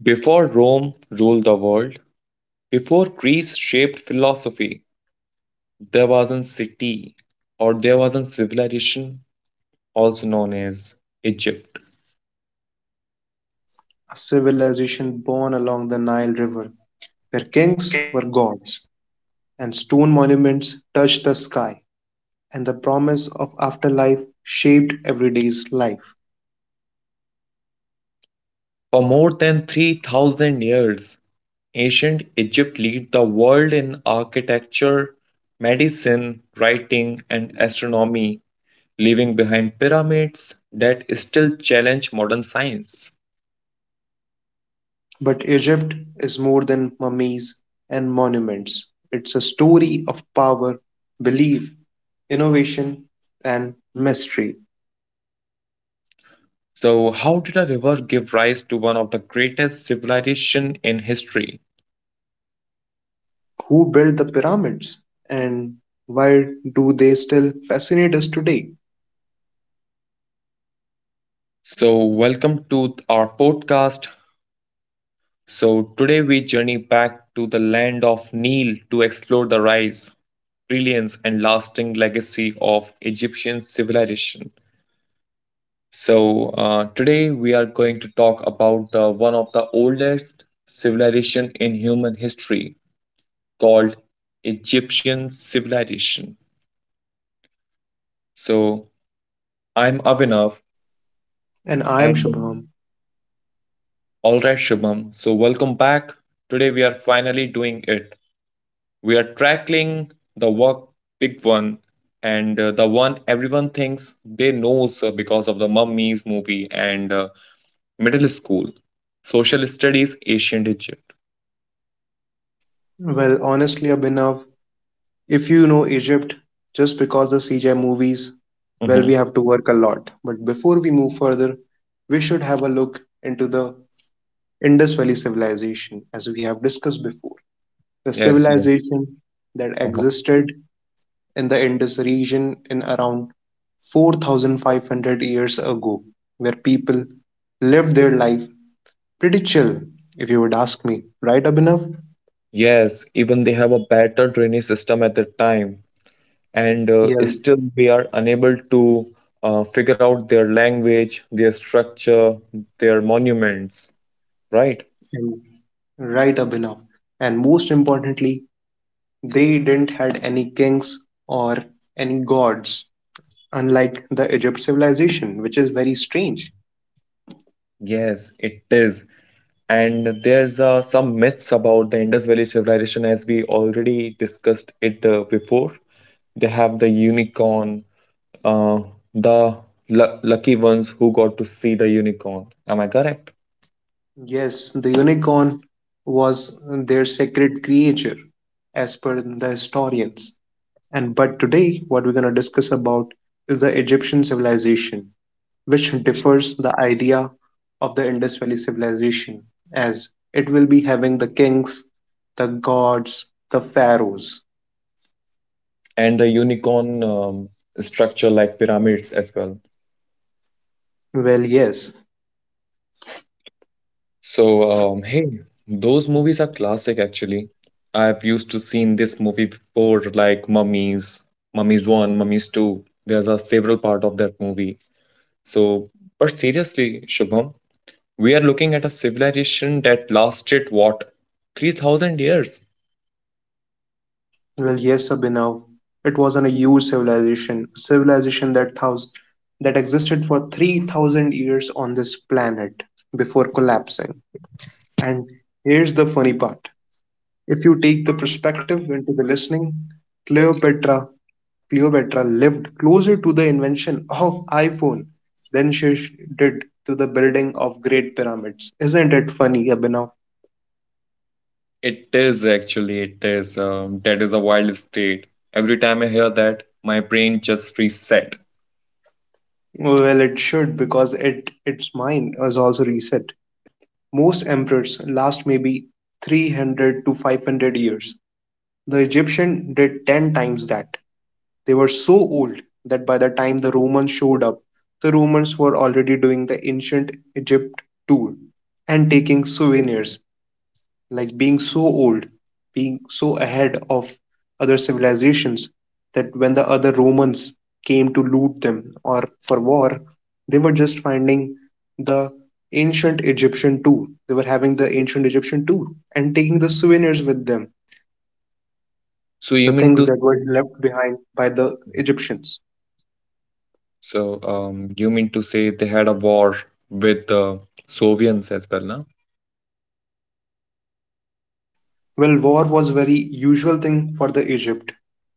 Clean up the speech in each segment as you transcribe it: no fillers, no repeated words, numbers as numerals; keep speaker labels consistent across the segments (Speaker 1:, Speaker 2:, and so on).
Speaker 1: Before Rome ruled the world, before Greece shaped philosophy, there was a city or there was a civilization also known as Egypt.
Speaker 2: A civilization born along the Nile River, where kings were gods, and stone monuments touched the sky, and the promise of afterlife shaped everyday's life.
Speaker 1: For more than 3000 years, ancient Egypt led the world in architecture, medicine, writing, and astronomy, leaving behind pyramids that still challenge modern science.
Speaker 2: But Egypt is more than mummies and monuments. It's a story of power, belief, innovation, and mystery.
Speaker 1: So, how did a river give rise to one of the greatest civilizations in history?
Speaker 2: Who built the pyramids? And why do they still fascinate us today?
Speaker 1: So, welcome to our podcast. So, today we journey back to the land of Nile to explore the rise, brilliance, and lasting legacy of Egyptian civilization. So, today we are going to talk about one of the oldest civilization in human history called Egyptian civilization. So, I'm Avinav
Speaker 2: And I am
Speaker 1: and
Speaker 2: Shubham.
Speaker 1: all right, Shubham. So, welcome back. Today we are finally doing it. We are tackling the work big one and the one everyone thinks they knows because of the mummies movie and middle school social studies ancient egypt.
Speaker 2: Well, honestly, Abhinav, if you know Egypt just because the CGI movies, well,
Speaker 1: Hmm.
Speaker 2: we have to work a lot. But before we move further, we should have a look into the Indus Valley civilization, as we have discussed before. The
Speaker 1: Yes, yes.
Speaker 2: civilization that
Speaker 1: Uh-huh.
Speaker 2: existed in the Indus region in around 4500 years ago, where people lived their life pretty chill, if you would ask me. Right, Abhinav?
Speaker 1: Yes, even they have a better drainage system at that time, and
Speaker 2: Yeah,
Speaker 1: still we are unable to figure out their language, their structure, their monuments, right?
Speaker 2: and right, Abhinav. And most importantly, they didn't had any kings or any gods, unlike the Egypt civilization, which is very strange.
Speaker 1: Yes, it is. And there's some myths about the Indus Valley civilization as we already discussed it before. They have the unicorn, uh, the lucky ones who got to see the unicorn. Am I correct?
Speaker 2: Yes, the unicorn was their sacred creature, as per the historians. And but today, what we're going to discuss about is the Egyptian civilization, which differs the idea of the Indus Valley civilization, as it will be having the kings, the gods, the pharaohs.
Speaker 1: And the unicorn structure like pyramids as well.
Speaker 2: Well, yes.
Speaker 1: So, hey, those movies are classic actually. I've used to seen this movie before, like Mummies, Mummies One, Mummies Two. There's a several part of that movie. So, but seriously, Shubham, we are looking at a civilization that lasted, what, 3000 years.
Speaker 2: Well, yes, Abhinav. It was an a huge civilization, a civilization that thousand, that existed for 3,000 years on this planet before collapsing. And here's the funny part. If you take the perspective into the listening, Cleopatra, Cleopatra lived closer to the invention of iPhone than she did to the building of Great Pyramids. Isn't it funny, Abhinav?
Speaker 1: It is actually, it is. That is a wild state. Every time I hear that, my brain just reset.
Speaker 2: Well, it should, because it its mind was also reset. Most emperors last maybe 300 to 500 years. The Egyptians did ten times that. They were so old that by the time the Romans showed up, the Romans were already doing the ancient Egypt tour and taking souvenirs, like being so old, being so ahead of other civilizations, that when the other Romans came to loot them or for war, they were just finding the ancient Egyptian too. They were having the ancient Egyptian too and taking the souvenirs with them,
Speaker 1: So you
Speaker 2: the
Speaker 1: mean
Speaker 2: things
Speaker 1: to
Speaker 2: that
Speaker 1: say,
Speaker 2: were left behind by the Egyptians.
Speaker 1: so you mean to say they had a war with the Soviets as well, na?
Speaker 2: Well, war was a very usual thing for the Egypt.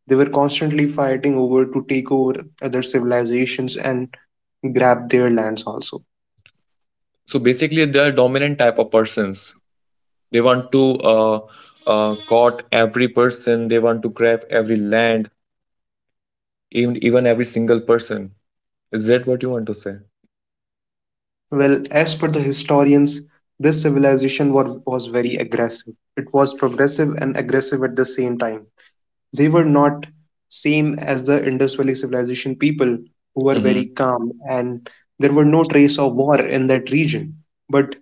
Speaker 2: They were constantly fighting over to take over other civilizations and grab their lands also.
Speaker 1: So basically, they are dominant type of persons. They want to caught every person. They want to grab every land even every single person. Is that what you want to say?
Speaker 2: Well, as per the historians, this civilization was very aggressive. It was progressive and aggressive at the same time. They were not same as the Indus Valley civilization people who were very
Speaker 1: Mhm,
Speaker 2: calm, and there were no trace of war in that region. But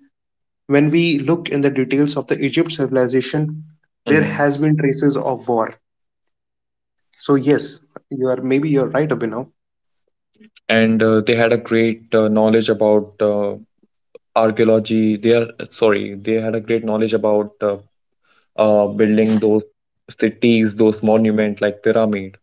Speaker 2: when we look in the details of the Egypt civilization, there
Speaker 1: mhm.
Speaker 2: has been traces of war. So yes, you are maybe you're right, Abhinav.
Speaker 1: And they had a great knowledge about archaeology. They are, sorry, they had a great knowledge about building those cities, those monuments like pyramid.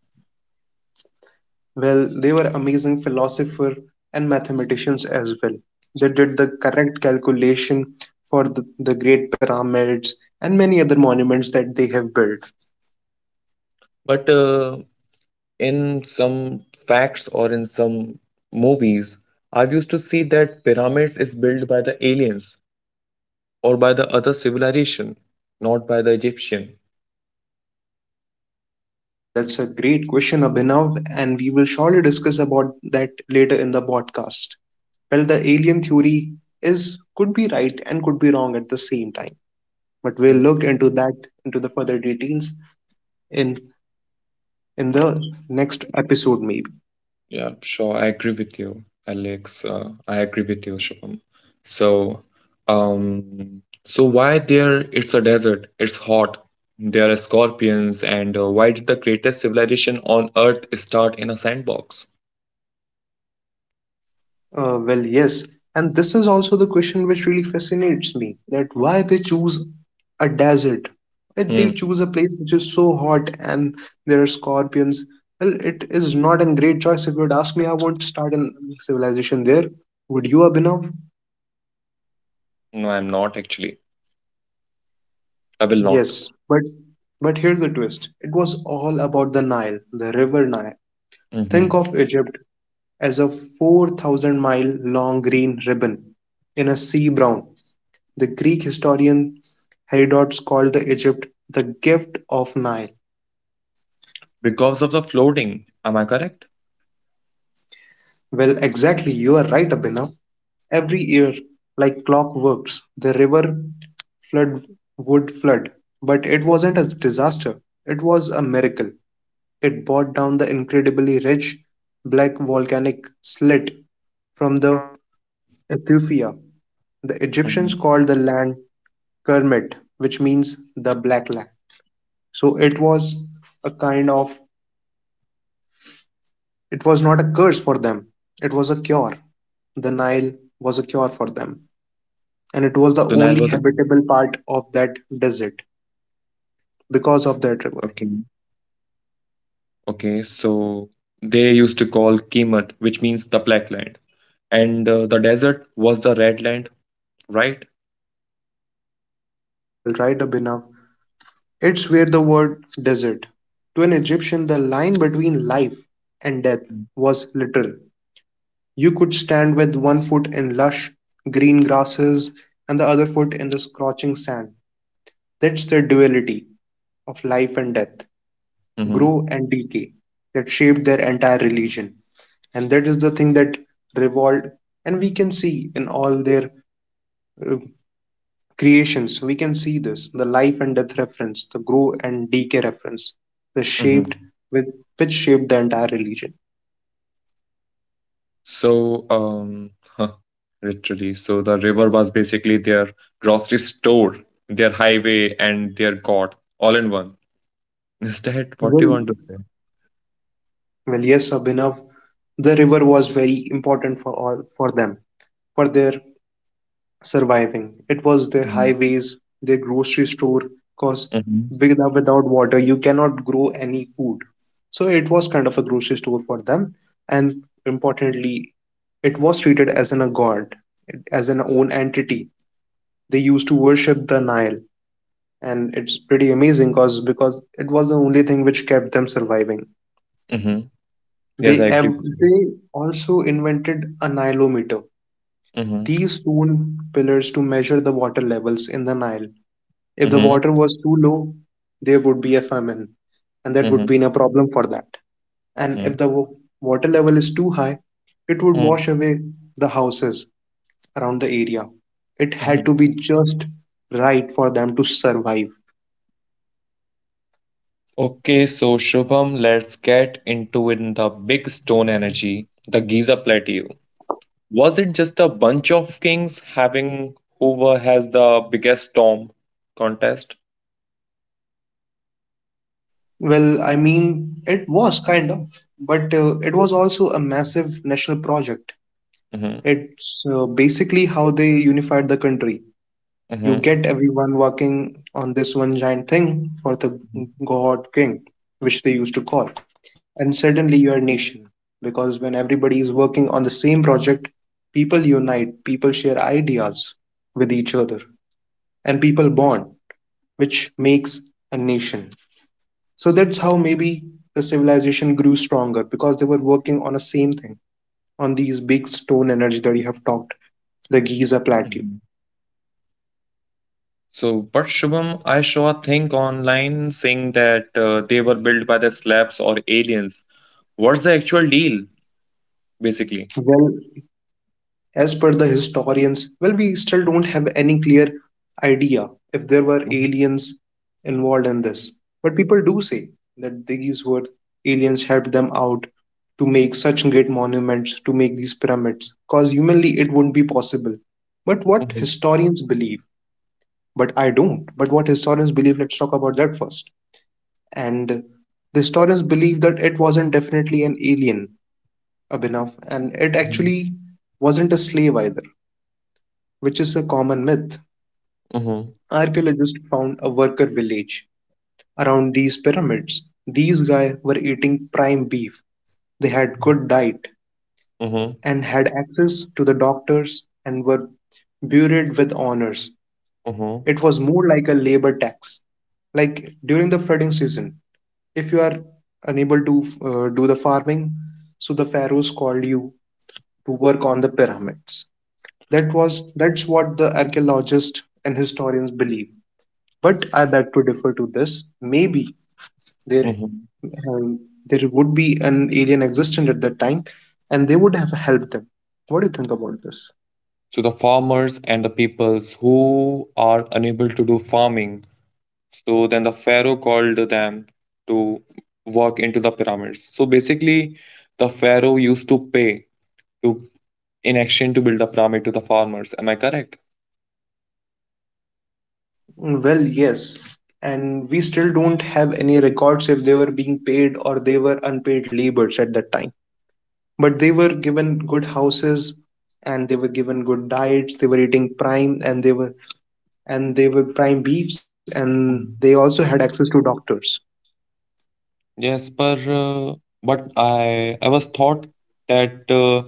Speaker 2: Well, they were amazing philosophers and mathematicians as well. They did the correct calculation for the great pyramids and many other monuments that they have built.
Speaker 1: But in some facts or in some movies, I've used to see that pyramids is built by the aliens or by the other civilization, not by the Egyptian.
Speaker 2: Oh, well, that's a great question, Abhinav, and we will surely discuss about that later in the podcast. Well, the alien theory is could be right and could be wrong at the same time, but we'll look into that into the further details in the next episode maybe.
Speaker 1: Yeah, sure. I agree with you, Alex. I agree with you, Shubham. So, so, why there? It's a desert. It's hot. There are scorpions, and why did the greatest civilization on Earth start in a sandbox?
Speaker 2: Well, yes. And this is also the question which really fascinates me that why they choose a desert? Why
Speaker 1: Hmm.
Speaker 2: they choose a place which is so hot and there are scorpions? Well, it is not a great choice. If you would ask me, I won't start a civilization there. Would you, Abhinav?
Speaker 1: No, I'm not actually. I will not.
Speaker 2: Yes, but here's the twist. It was all about the Nile, the river Nile. Think
Speaker 1: Hmm.
Speaker 2: of Egypt as a 4,000 mile long green ribbon in a sea brown. The Greek historian Herodotus called the Egypt the gift of Nile.
Speaker 1: Because of the floating. Am I correct?
Speaker 2: Well, exactly, you are right, Abhinav. Every year, like clockworks, the river flood would flood. But it wasn't a disaster, it was a miracle. It brought down the incredibly rich black volcanic slit from the Ethiopia. The
Speaker 1: Mm.
Speaker 2: Egyptians called the land Kermit, which means the black land. So it was a kind of— it was not a curse for them, it was a cure. The Nile was a cure for them,
Speaker 1: The Nile
Speaker 2: and it
Speaker 1: was a,
Speaker 2: was the only habitable part of that desert because
Speaker 1: okay.
Speaker 2: of that river.
Speaker 1: Okay, so they used to call Kemet, which means the black land, and the desert was the red land, right?
Speaker 2: Well, right, Abhinav. It's where the word desert. To an Egyptian, the line between life and death was literal. You could stand with one foot in lush green grasses and the other foot in the scorching sand. That's the duality of life and death,
Speaker 1: Mm-hmm.
Speaker 2: grow and decay, that shaped their entire religion. And that is the thing that revolved, and we can see in all their uh, creations, we can see this, the life and death reference, the grow and decay reference, the
Speaker 1: Mm-hmm.
Speaker 2: shaped with which shaped the entire religion.
Speaker 1: So, huh, literally, so the river was basically their grocery store, their highway, and their god, all in one. Is that what
Speaker 2: well
Speaker 1: you want to say?
Speaker 2: well yes, Abhinav, the river was very important for all for them, for their surviving. It was their
Speaker 1: Mm-hmm.
Speaker 2: highways, their grocery store, because
Speaker 1: Mm-hmm.
Speaker 2: without water, you cannot grow any food. So it was kind of a grocery store for them. And importantly, it was treated as an, a god, as an own entity. They used to worship the Nile. And it's pretty amazing because it was the only thing which kept them surviving.
Speaker 1: Mm-hmm. Yes, I agree with you.
Speaker 2: They also invented a Nilometer,
Speaker 1: Mm-hmm.
Speaker 2: these stone pillars to measure the water levels in the Nile. If the
Speaker 1: Mm-hmm.
Speaker 2: water was too low, there would be a famine, and that would
Speaker 1: Mm-hmm.
Speaker 2: be a problem for that. And
Speaker 1: Mm-hmm.
Speaker 2: if water level is too high, it would wash away the houses around the area. It had
Speaker 1: Mm-hmm.
Speaker 2: to be just right for them to survive.
Speaker 1: Okay, so Shubham, let's get into in the big stone energy, the Giza Plateau. Was it just a bunch of kings having whoever has the biggest storm contest?
Speaker 2: Well, I mean, it was kind of, but it was also a massive national project.
Speaker 1: Hmm.
Speaker 2: It's basically how they unified the country. You get
Speaker 1: Hmm.
Speaker 2: everyone working on this one giant thing for the god king, which they used to call. And suddenly you're a nation. Because when everybody is working on the same project, people unite, people share ideas with each other, and people bond, which makes a nation. So that's how maybe the civilization grew stronger because they were working on the same thing, on these big stone energy that you have talked, the Giza
Speaker 1: Mhm.
Speaker 2: Plateau.
Speaker 1: So, but Shubham, I saw a thing online saying that they were built by the slabs or aliens. What's the actual deal, basically?
Speaker 2: Well, as per the historians, well, we still don't have any clear idea if there were
Speaker 1: Mm-hmm.
Speaker 2: aliens involved in this. But people do say that these were aliens helped them out to make such great monuments, to make these pyramids, because humanly it wouldn't be possible. But what historians believe, but I don't, but what historians believe, let's talk about that first. And the historians believe that it wasn't definitely an alien, Abhinav, and it
Speaker 1: Mm-hmm.
Speaker 2: actually wasn't a slave either, which is a common myth. Archaeologists found a worker village around these pyramids. These guys were eating prime beef. They had good diet
Speaker 1: Mm-hmm.
Speaker 2: and had access to the doctors and were buried with honors. It was more like a labor tax. Like during the flooding season, if you are unable to do the farming, so the pharaohs called you to work on the pyramids. That was that's what the archaeologists and historians believe. But I beg to differ to this. Maybe there
Speaker 1: Mm-hmm.
Speaker 2: um, there would be an alien existent at that time, and they would have helped them. What do you think about this?
Speaker 1: So, the farmers and the peoples who are unable to do farming. So then the Pharaoh called them to walk into the pyramids. So basically, the Pharaoh used to pay to in exchange to build the pyramid to the farmers. Am I correct?
Speaker 2: Well, yes, and we still don't have any records if they were being paid or they were unpaid laborers at that time. But they were given good houses, and they were given good diets. They were eating prime, and they were prime beefs, and
Speaker 1: Mm.
Speaker 2: they also had access to doctors.
Speaker 1: Yes, but I was thought that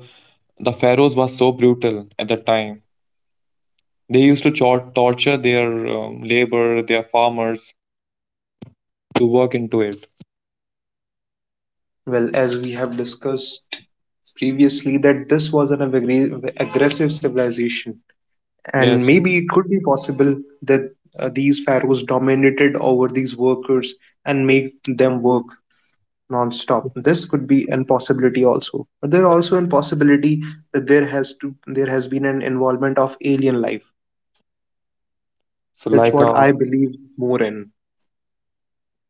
Speaker 1: the pharaohs were so brutal at the time. They used to torture their labor, their farmers to work into it.
Speaker 2: Well, as we have discussed previously, that this was an aggressive civilization, and
Speaker 1: Yes, yes.
Speaker 2: maybe it could be possible that these pharaohs dominated over these workers and make them work non-stop. This could be an possibility also. But there also an possibility that there has to there has been an involvement of alien life.
Speaker 1: so
Speaker 2: That's
Speaker 1: like
Speaker 2: what
Speaker 1: a
Speaker 2: I believe more in.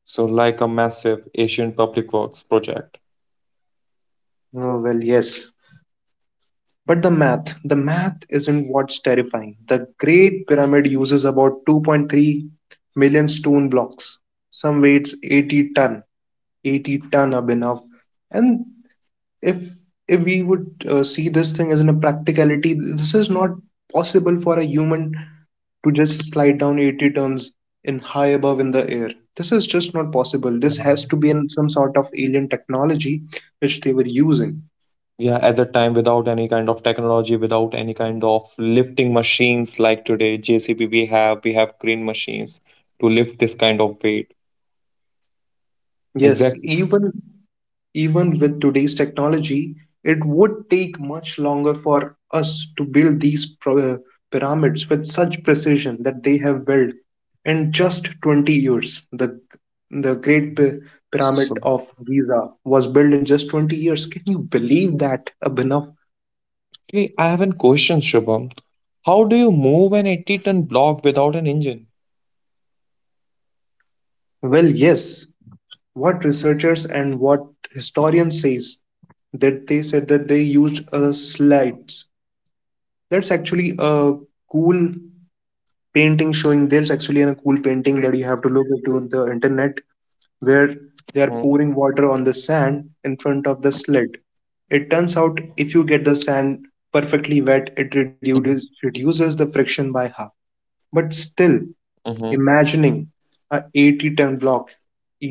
Speaker 1: so like a massive Asian public works project.
Speaker 2: Oh, well, yes. But the math isn't what's terrifying. The Great Pyramid uses about 2.3 million stone blocks. Some weights 80 ton, 80-ton are enough. And if if we would see this thing as in a practicality, this is not possible for a human to just slide down 80 tons in high above in the air. This is just not possible. This has to be in some sort of alien technology which they were using.
Speaker 1: Yeah, at that time, without any kind of technology, without any kind of lifting machines like today, JCB we have, crane machines to lift this kind of weight.
Speaker 2: Yes,
Speaker 1: Exactly.
Speaker 2: even even with today's technology, it would take much longer for us to build these pyramids with such precision that they have built in just 20 years. The, the Great
Speaker 1: So,
Speaker 2: Pyramid of Giza was built in just 20 years. Can you believe that, Abhinav?
Speaker 1: actually, I have a question, Shubham. How do you move an 80-ton block without an engine?
Speaker 2: Well, yes. What researchers and what historians says that they said that they used slides. That's actually a cool painting showing— there's actually a cool painting that you have to look into on the internet where
Speaker 1: Mm-hmm,
Speaker 2: they are pouring water on the sand in front of the slit. It turns out if you get the sand perfectly wet, it reduces the friction by half. But
Speaker 1: mm-hmm,
Speaker 2: still, imagining a 80-ton block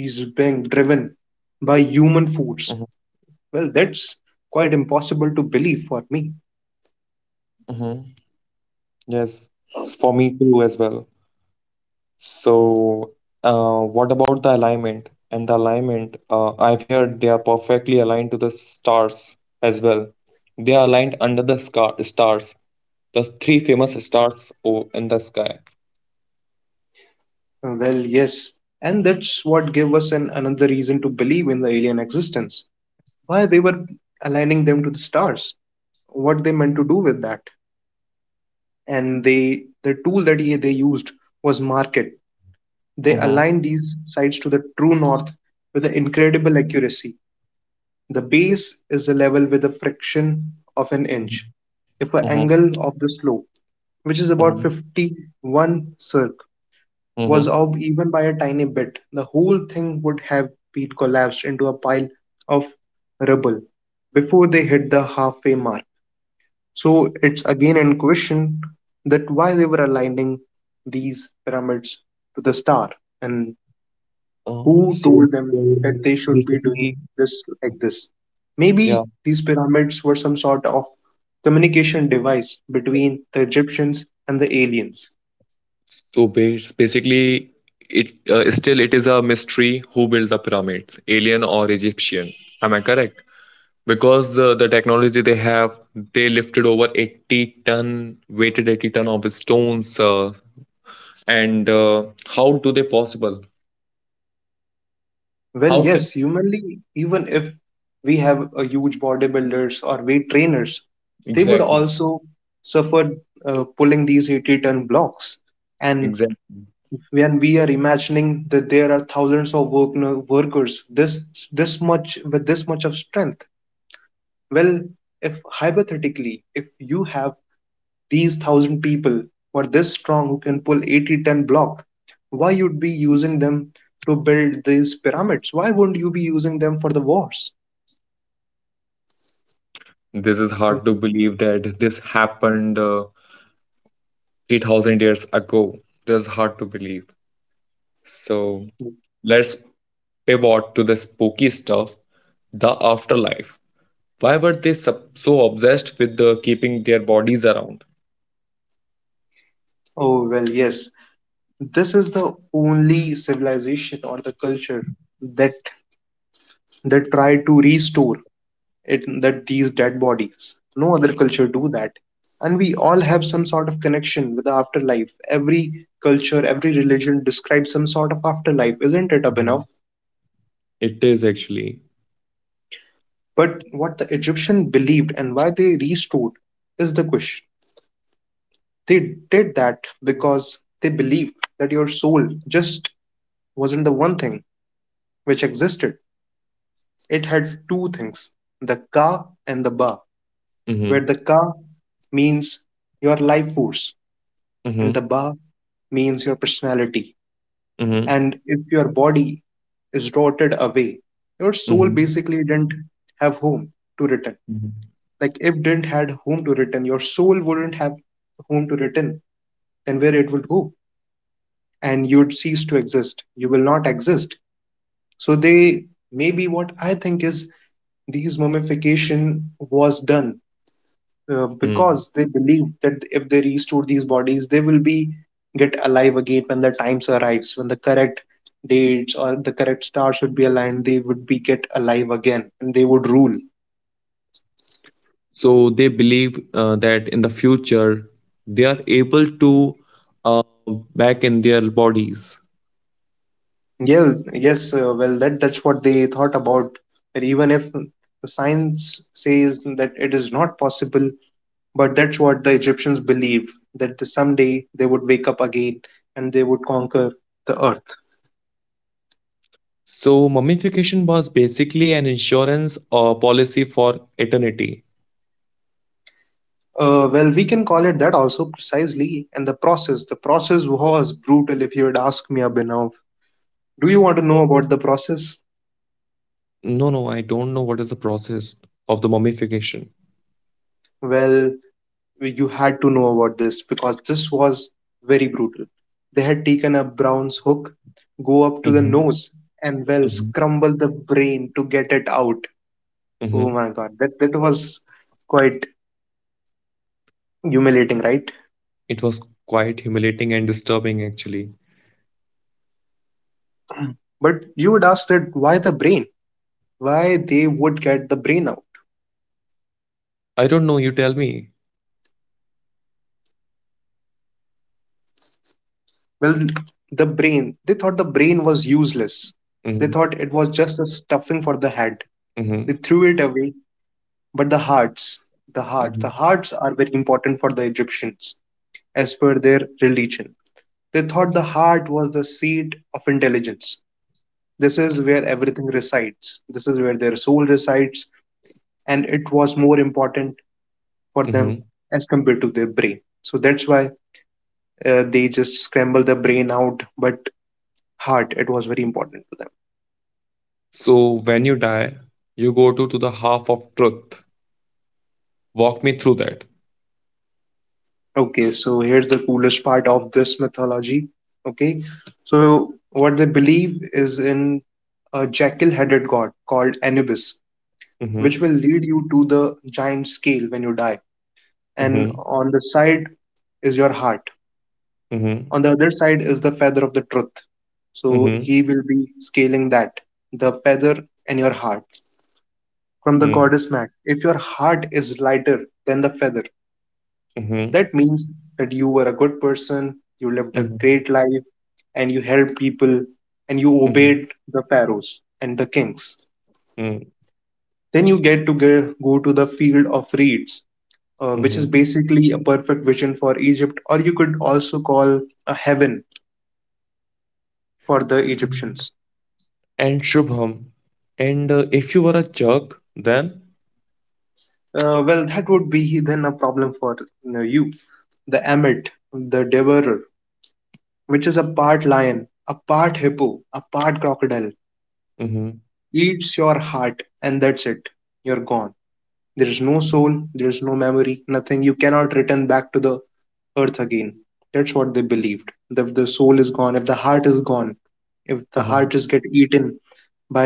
Speaker 2: is being driven by
Speaker 1: mm-hmm,
Speaker 2: human force, well, that's quite impossible to believe for me.
Speaker 1: mm-hmm. Yes, it's for me too as well. So, what about the alignment? And the alignment, I've heard they are perfectly aligned to the stars as well. They are aligned under the scar stars, the three famous stars in the sky.
Speaker 2: Well, yes, and that's what gave us an, another reason to believe in the alien existence. Why they were aligning them to the stars, what they meant to do with that. And the tool that he, they used was market. They
Speaker 1: Mm-hmm.
Speaker 2: aligned these sides to the true north with an incredible accuracy. The base is the level with a fraction of an inch.
Speaker 1: Mm-hmm.
Speaker 2: If an
Speaker 1: Mm-hmm.
Speaker 2: angle of the slope, which is about
Speaker 1: Mm-hmm.
Speaker 2: 51 circ, was
Speaker 1: Mm-hmm.
Speaker 2: off even by a tiny bit, the whole thing would have been collapsed into a pile of rubble before they hit the halfway mark. So it's again in question that why they were aligning these pyramids to the star and
Speaker 1: Uh,
Speaker 2: who
Speaker 1: so
Speaker 2: told
Speaker 1: so
Speaker 2: them that they should be doing
Speaker 1: basically,
Speaker 2: this like this.
Speaker 1: yeah.
Speaker 2: Maybe these pyramids were some sort of communication device between the Egyptians and the aliens.
Speaker 1: So basically, it still it is a mystery who built the pyramids, alien or Egyptian. Am I correct? Because the technology they have, they lifted over 80 ton, weighted 80 ton of stones, and how do they possible,
Speaker 2: Well,
Speaker 1: how can,
Speaker 2: yes, humanly, even if we have a huge bodybuilders or weight trainers, they would
Speaker 1: exactly,
Speaker 2: also suffer pulling these 80-ton blocks. And
Speaker 1: exactly.
Speaker 2: when we are imagining that there are thousands of work, no, workers this much with this much of strength, well, if hypothetically if you have these thousand people who are this strong who can pull 80-ton block, why you'd be using them to build these pyramids, why wouldn't you be using them for the wars?
Speaker 1: This is hard to believe that this happened 3000 years ago. This is hard to believe. So let's pivot to the spooky stuff, the afterlife. Why were they so obsessed with keeping their bodies around?
Speaker 2: Oh, well, yes, this is the only civilization or the culture that that try to restore it, that these dead bodies. No other culture do that. And we all have some sort of connection with the afterlife. Every culture, every religion describes some sort of afterlife, isn't it,
Speaker 1: Mhm.
Speaker 2: Abhinav?
Speaker 1: It is actually.
Speaker 2: But what the Egyptian believed and why they restored is the question. They did that because they believed that your soul just wasn't the one thing which existed. It had two things, the ka and the ba, where
Speaker 1: Mm-hmm.
Speaker 2: the ka means your life force and
Speaker 1: Mm-hmm.
Speaker 2: the ba means your personality.
Speaker 1: Mm-hmm.
Speaker 2: And if your body is rotted away, your soul
Speaker 1: Mm-hmm.
Speaker 2: basically didn't have home to return.
Speaker 1: Mm-hmm.
Speaker 2: Like if didn't had home to return, your soul wouldn't have home to return, then where it would go? And you'd cease to exist. You will not exist. So they— maybe what I think is these mummification was done
Speaker 1: Mm-hmm.
Speaker 2: because they believe that if they restore these bodies, they will be get alive again when the times arrives, when the correct dates or the correct stars should be aligned, they would be get alive again and they would rule.
Speaker 1: So they believe that in the future they are able to uh, back in their bodies.
Speaker 2: Yeah, yes, well, that's what they thought about. But even if the science says that it is not possible, but that's what the Egyptians believe that the, someday they would wake up again and they would conquer the earth.
Speaker 1: So mummification was basically an insurance policy for eternity.
Speaker 2: Well, we can call it that also precisely. And the process was brutal if you would ask me, Abhinav. Do you want to know about the process?
Speaker 1: No, no, I don't know what is the process of the mummification.
Speaker 2: Well, you had to know about this because this was very brutal. They had taken a Brown's hook, go up to the
Speaker 1: Hmm.
Speaker 2: nose, and well,
Speaker 1: Hmm.
Speaker 2: scramble the brain to get it out. Oh
Speaker 1: Hmm.
Speaker 2: my God, that was quite humiliating, right?
Speaker 1: It was quite humiliating and disturbing, actually.
Speaker 2: But you would ask that why the brain? Why they would get the brain out, right?
Speaker 1: I don't know. You tell me.
Speaker 2: Well, the brain, they thought the brain was useless. They thought it
Speaker 1: Hmm.
Speaker 2: was just a stuffing for the head. They
Speaker 1: Hmm.
Speaker 2: threw it away. But the hearts, the heart, the
Speaker 1: Hmm.
Speaker 2: hearts are very important for the Egyptians as per their religion. They thought the heart was the seat of intelligence. This is where everything resides. This is where their soul resides. And it was more important for
Speaker 1: Hmm.
Speaker 2: them as compared to their brain. So that's why they just scramble the brain out. But heart, it was very important to them.
Speaker 1: So when you die, you go to the half of truth. Walk me through that.
Speaker 2: Okay, so here's the coolest part of this mythology. Okay, so what they believe is in a jackal headed god called Anubis, which
Speaker 1: Mm-hmm.
Speaker 2: will lead you to the giant scale when you die. And
Speaker 1: Mhm,
Speaker 2: on the side is your heart,
Speaker 1: mhm,
Speaker 2: on the other side is the feather of the truth. So
Speaker 1: mhm,
Speaker 2: he will be scaling that, the feather and your heart, from the
Speaker 1: mhm,
Speaker 2: goddess Mat. If your heart is lighter than the feather,
Speaker 1: mhm,
Speaker 2: that means that you were a good person, you lived a
Speaker 1: mhm,
Speaker 2: great life, and you helped people, and you
Speaker 1: mhm,
Speaker 2: obeyed the pharaohs and the kings.
Speaker 1: mhm,
Speaker 2: Then you get to go to the field of reeds, which
Speaker 1: mhm.
Speaker 2: is basically a perfect vision for Egypt, or you could also call a heaven for the Egyptians.
Speaker 1: And Shubham, and if you were a Turk, then?
Speaker 2: Well, that would be then a problem for you, know, you. The Emmet, the Devourer, which is a part lion, a part hippo, a part crocodile,
Speaker 1: Hmm.
Speaker 2: eats your heart and that's it. You're gone. There is no soul, there is no memory, nothing. You cannot return back to the earth again. That's what they believed, that if the soul is gone, if the heart is gone, if the heart
Speaker 1: Uh-huh.
Speaker 2: is get eaten by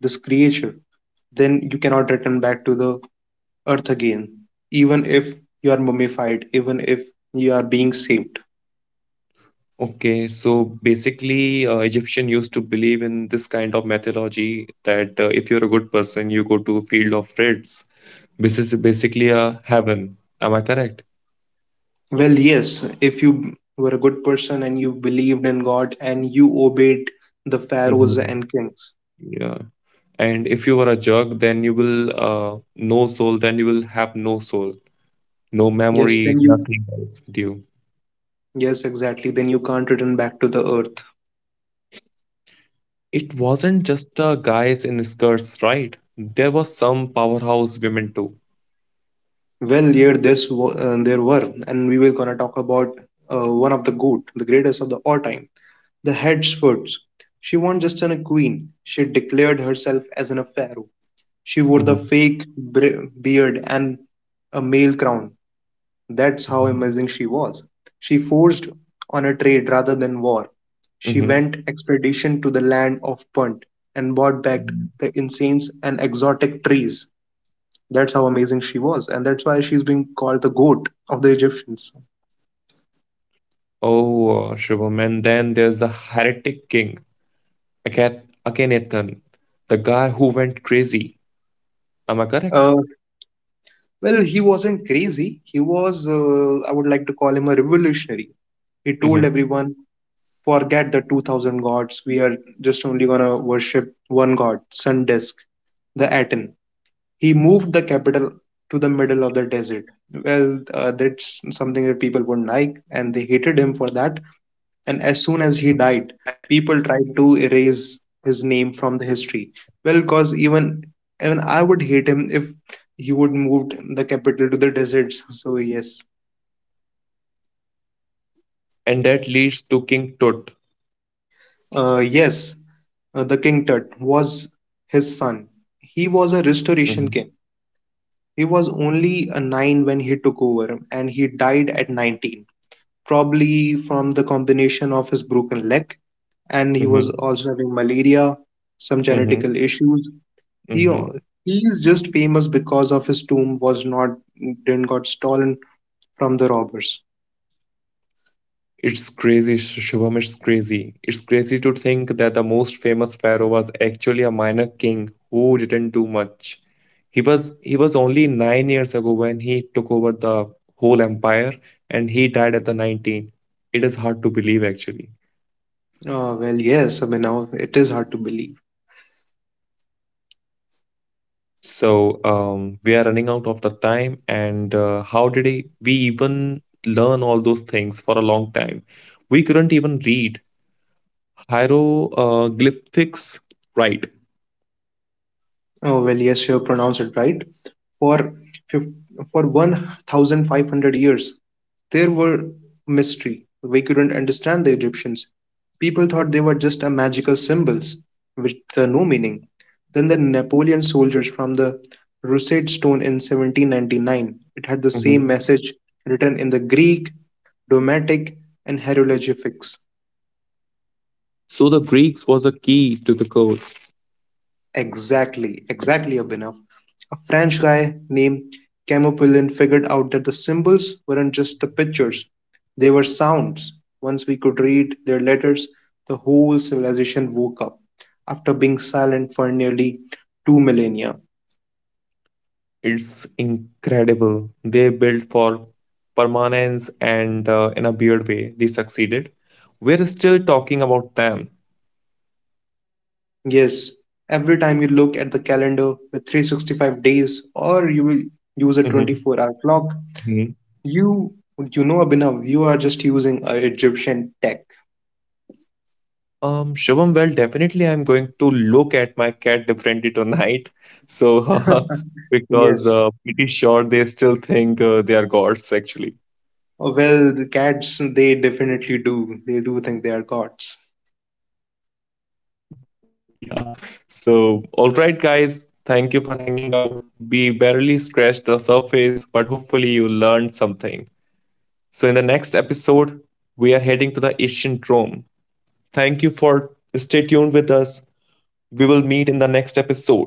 Speaker 2: this creature, then you cannot return back to the earth again, even if you are mummified, even if you are being saved.
Speaker 1: Okay, so basically, Egyptian used to believe in this kind of mythology that if you're a good person, you go to field of reds. This is basically a heaven. Am I correct?
Speaker 2: Well, yes, if you were a good person and you believed in God and you obeyed the pharaohs
Speaker 1: Mm-hmm.
Speaker 2: and kings.
Speaker 1: Yeah. And if you were a jerk, then you will, no soul, then you will have no soul. No
Speaker 2: Yes,
Speaker 1: memory,
Speaker 2: then you.
Speaker 1: nothing else with you.
Speaker 2: Yes, exactly. Then you can't return back to the earth.
Speaker 1: It wasn't just guys in skirts, right? There was some powerhouse women too.
Speaker 2: Well, here this wa- there were, and we will gonna talk about one of the goat, the greatest of the all time, the head Swords. She wasn't just an, a queen. She declared herself as an a pharaoh. She wore the
Speaker 1: Hmm.
Speaker 2: fake bre- beard and a male crown. That's how
Speaker 1: Hmm.
Speaker 2: amazing she was. She forced on a trade rather than war. She
Speaker 1: Hmm.
Speaker 2: went expedition to the land of Punt and brought back the incense and exotic trees. That's how amazing she was, and that's why she's being called the goat of the Egyptians.
Speaker 1: Oh, Shubham. And then there's the heretic king, Akhenaten, the guy who went crazy. Am I correct?
Speaker 2: Uh, well, he wasn't crazy. He was, I would like to call him a revolutionary. He told
Speaker 1: Hmm.
Speaker 2: everyone, forget the 2000 gods. We are just only going to worship one god, Sun Disk, the Aten. He moved the capital to the middle of the desert. Well, that's something that people wouldn't like, and they hated him for that. And as soon as he died, people tried to erase his name from the history. Well, because even I would hate him if he would move the capital to the deserts. So yes,
Speaker 1: And that leads to King Tut.
Speaker 2: yes, the king Tut was his son. He was a
Speaker 1: Hmm.
Speaker 2: restoration king. He was only a nine when he took over, and he died at 19, probably from the combination of his broken leg and he was
Speaker 1: Hmm.
Speaker 2: also having malaria, some
Speaker 1: Hmm.
Speaker 2: genetical issues. He
Speaker 1: Hmm.
Speaker 2: he is just famous because of his tomb was not didn't got stolen from the robbers.
Speaker 1: It's crazy, Shubham. It's crazy. It's crazy to think that the most famous pharaoh was actually a minor king who didn't do much. He was only 9 years ago when he took over the whole empire, and he died at the 19. It is hard to believe, actually.
Speaker 2: Well, yes, I mean now it is hard to believe.
Speaker 1: So, we are running out of the time, and how did we even learn all those things for a long time? We couldn't even read hieroglyphics, right?
Speaker 2: Oh, well, yes, you have pronounced it right. For fif- for 1,500 years, there were mystery. We couldn't understand the Egyptians. People thought they were just a magical symbols with the no meaning. Then the Napoleon soldiers from the Rosetta Stone in 1799. It had the same message written in the Greek, Domatic, and hieroglyphics.
Speaker 1: So the Greeks was a key to the code.
Speaker 2: Exactly, exactly, Abhinav. A French guy named Camopulin figured out that the symbols weren't just the pictures, they were sounds. Once we could read their letters, the whole civilization woke up after being silent for nearly 2 millennia.
Speaker 1: It's incredible. They built for permanence and in a weird way, they succeeded. We're still talking about them.
Speaker 2: Yes, every time you look at the calendar with 365 days or you will use a
Speaker 1: Mhm,
Speaker 2: 24-hour clock,
Speaker 1: mhm.
Speaker 2: you you know, Abhinav, you are just using Egyptian tech.
Speaker 1: Shivam, well, definitely I'm going to look at my cat differently tonight. So, because
Speaker 2: Yes,
Speaker 1: pretty sure they still think they are gods, actually.
Speaker 2: well, the cats, they definitely do. They do think they are gods.
Speaker 1: Yeah. So, all right, guys, thank you for hanging out. We barely scratched the surface, but hopefully, you learned something. So, in the next episode, we are heading to the ancient Rome. Thank you for stay tuned with us. We will meet in the next episode. See you then.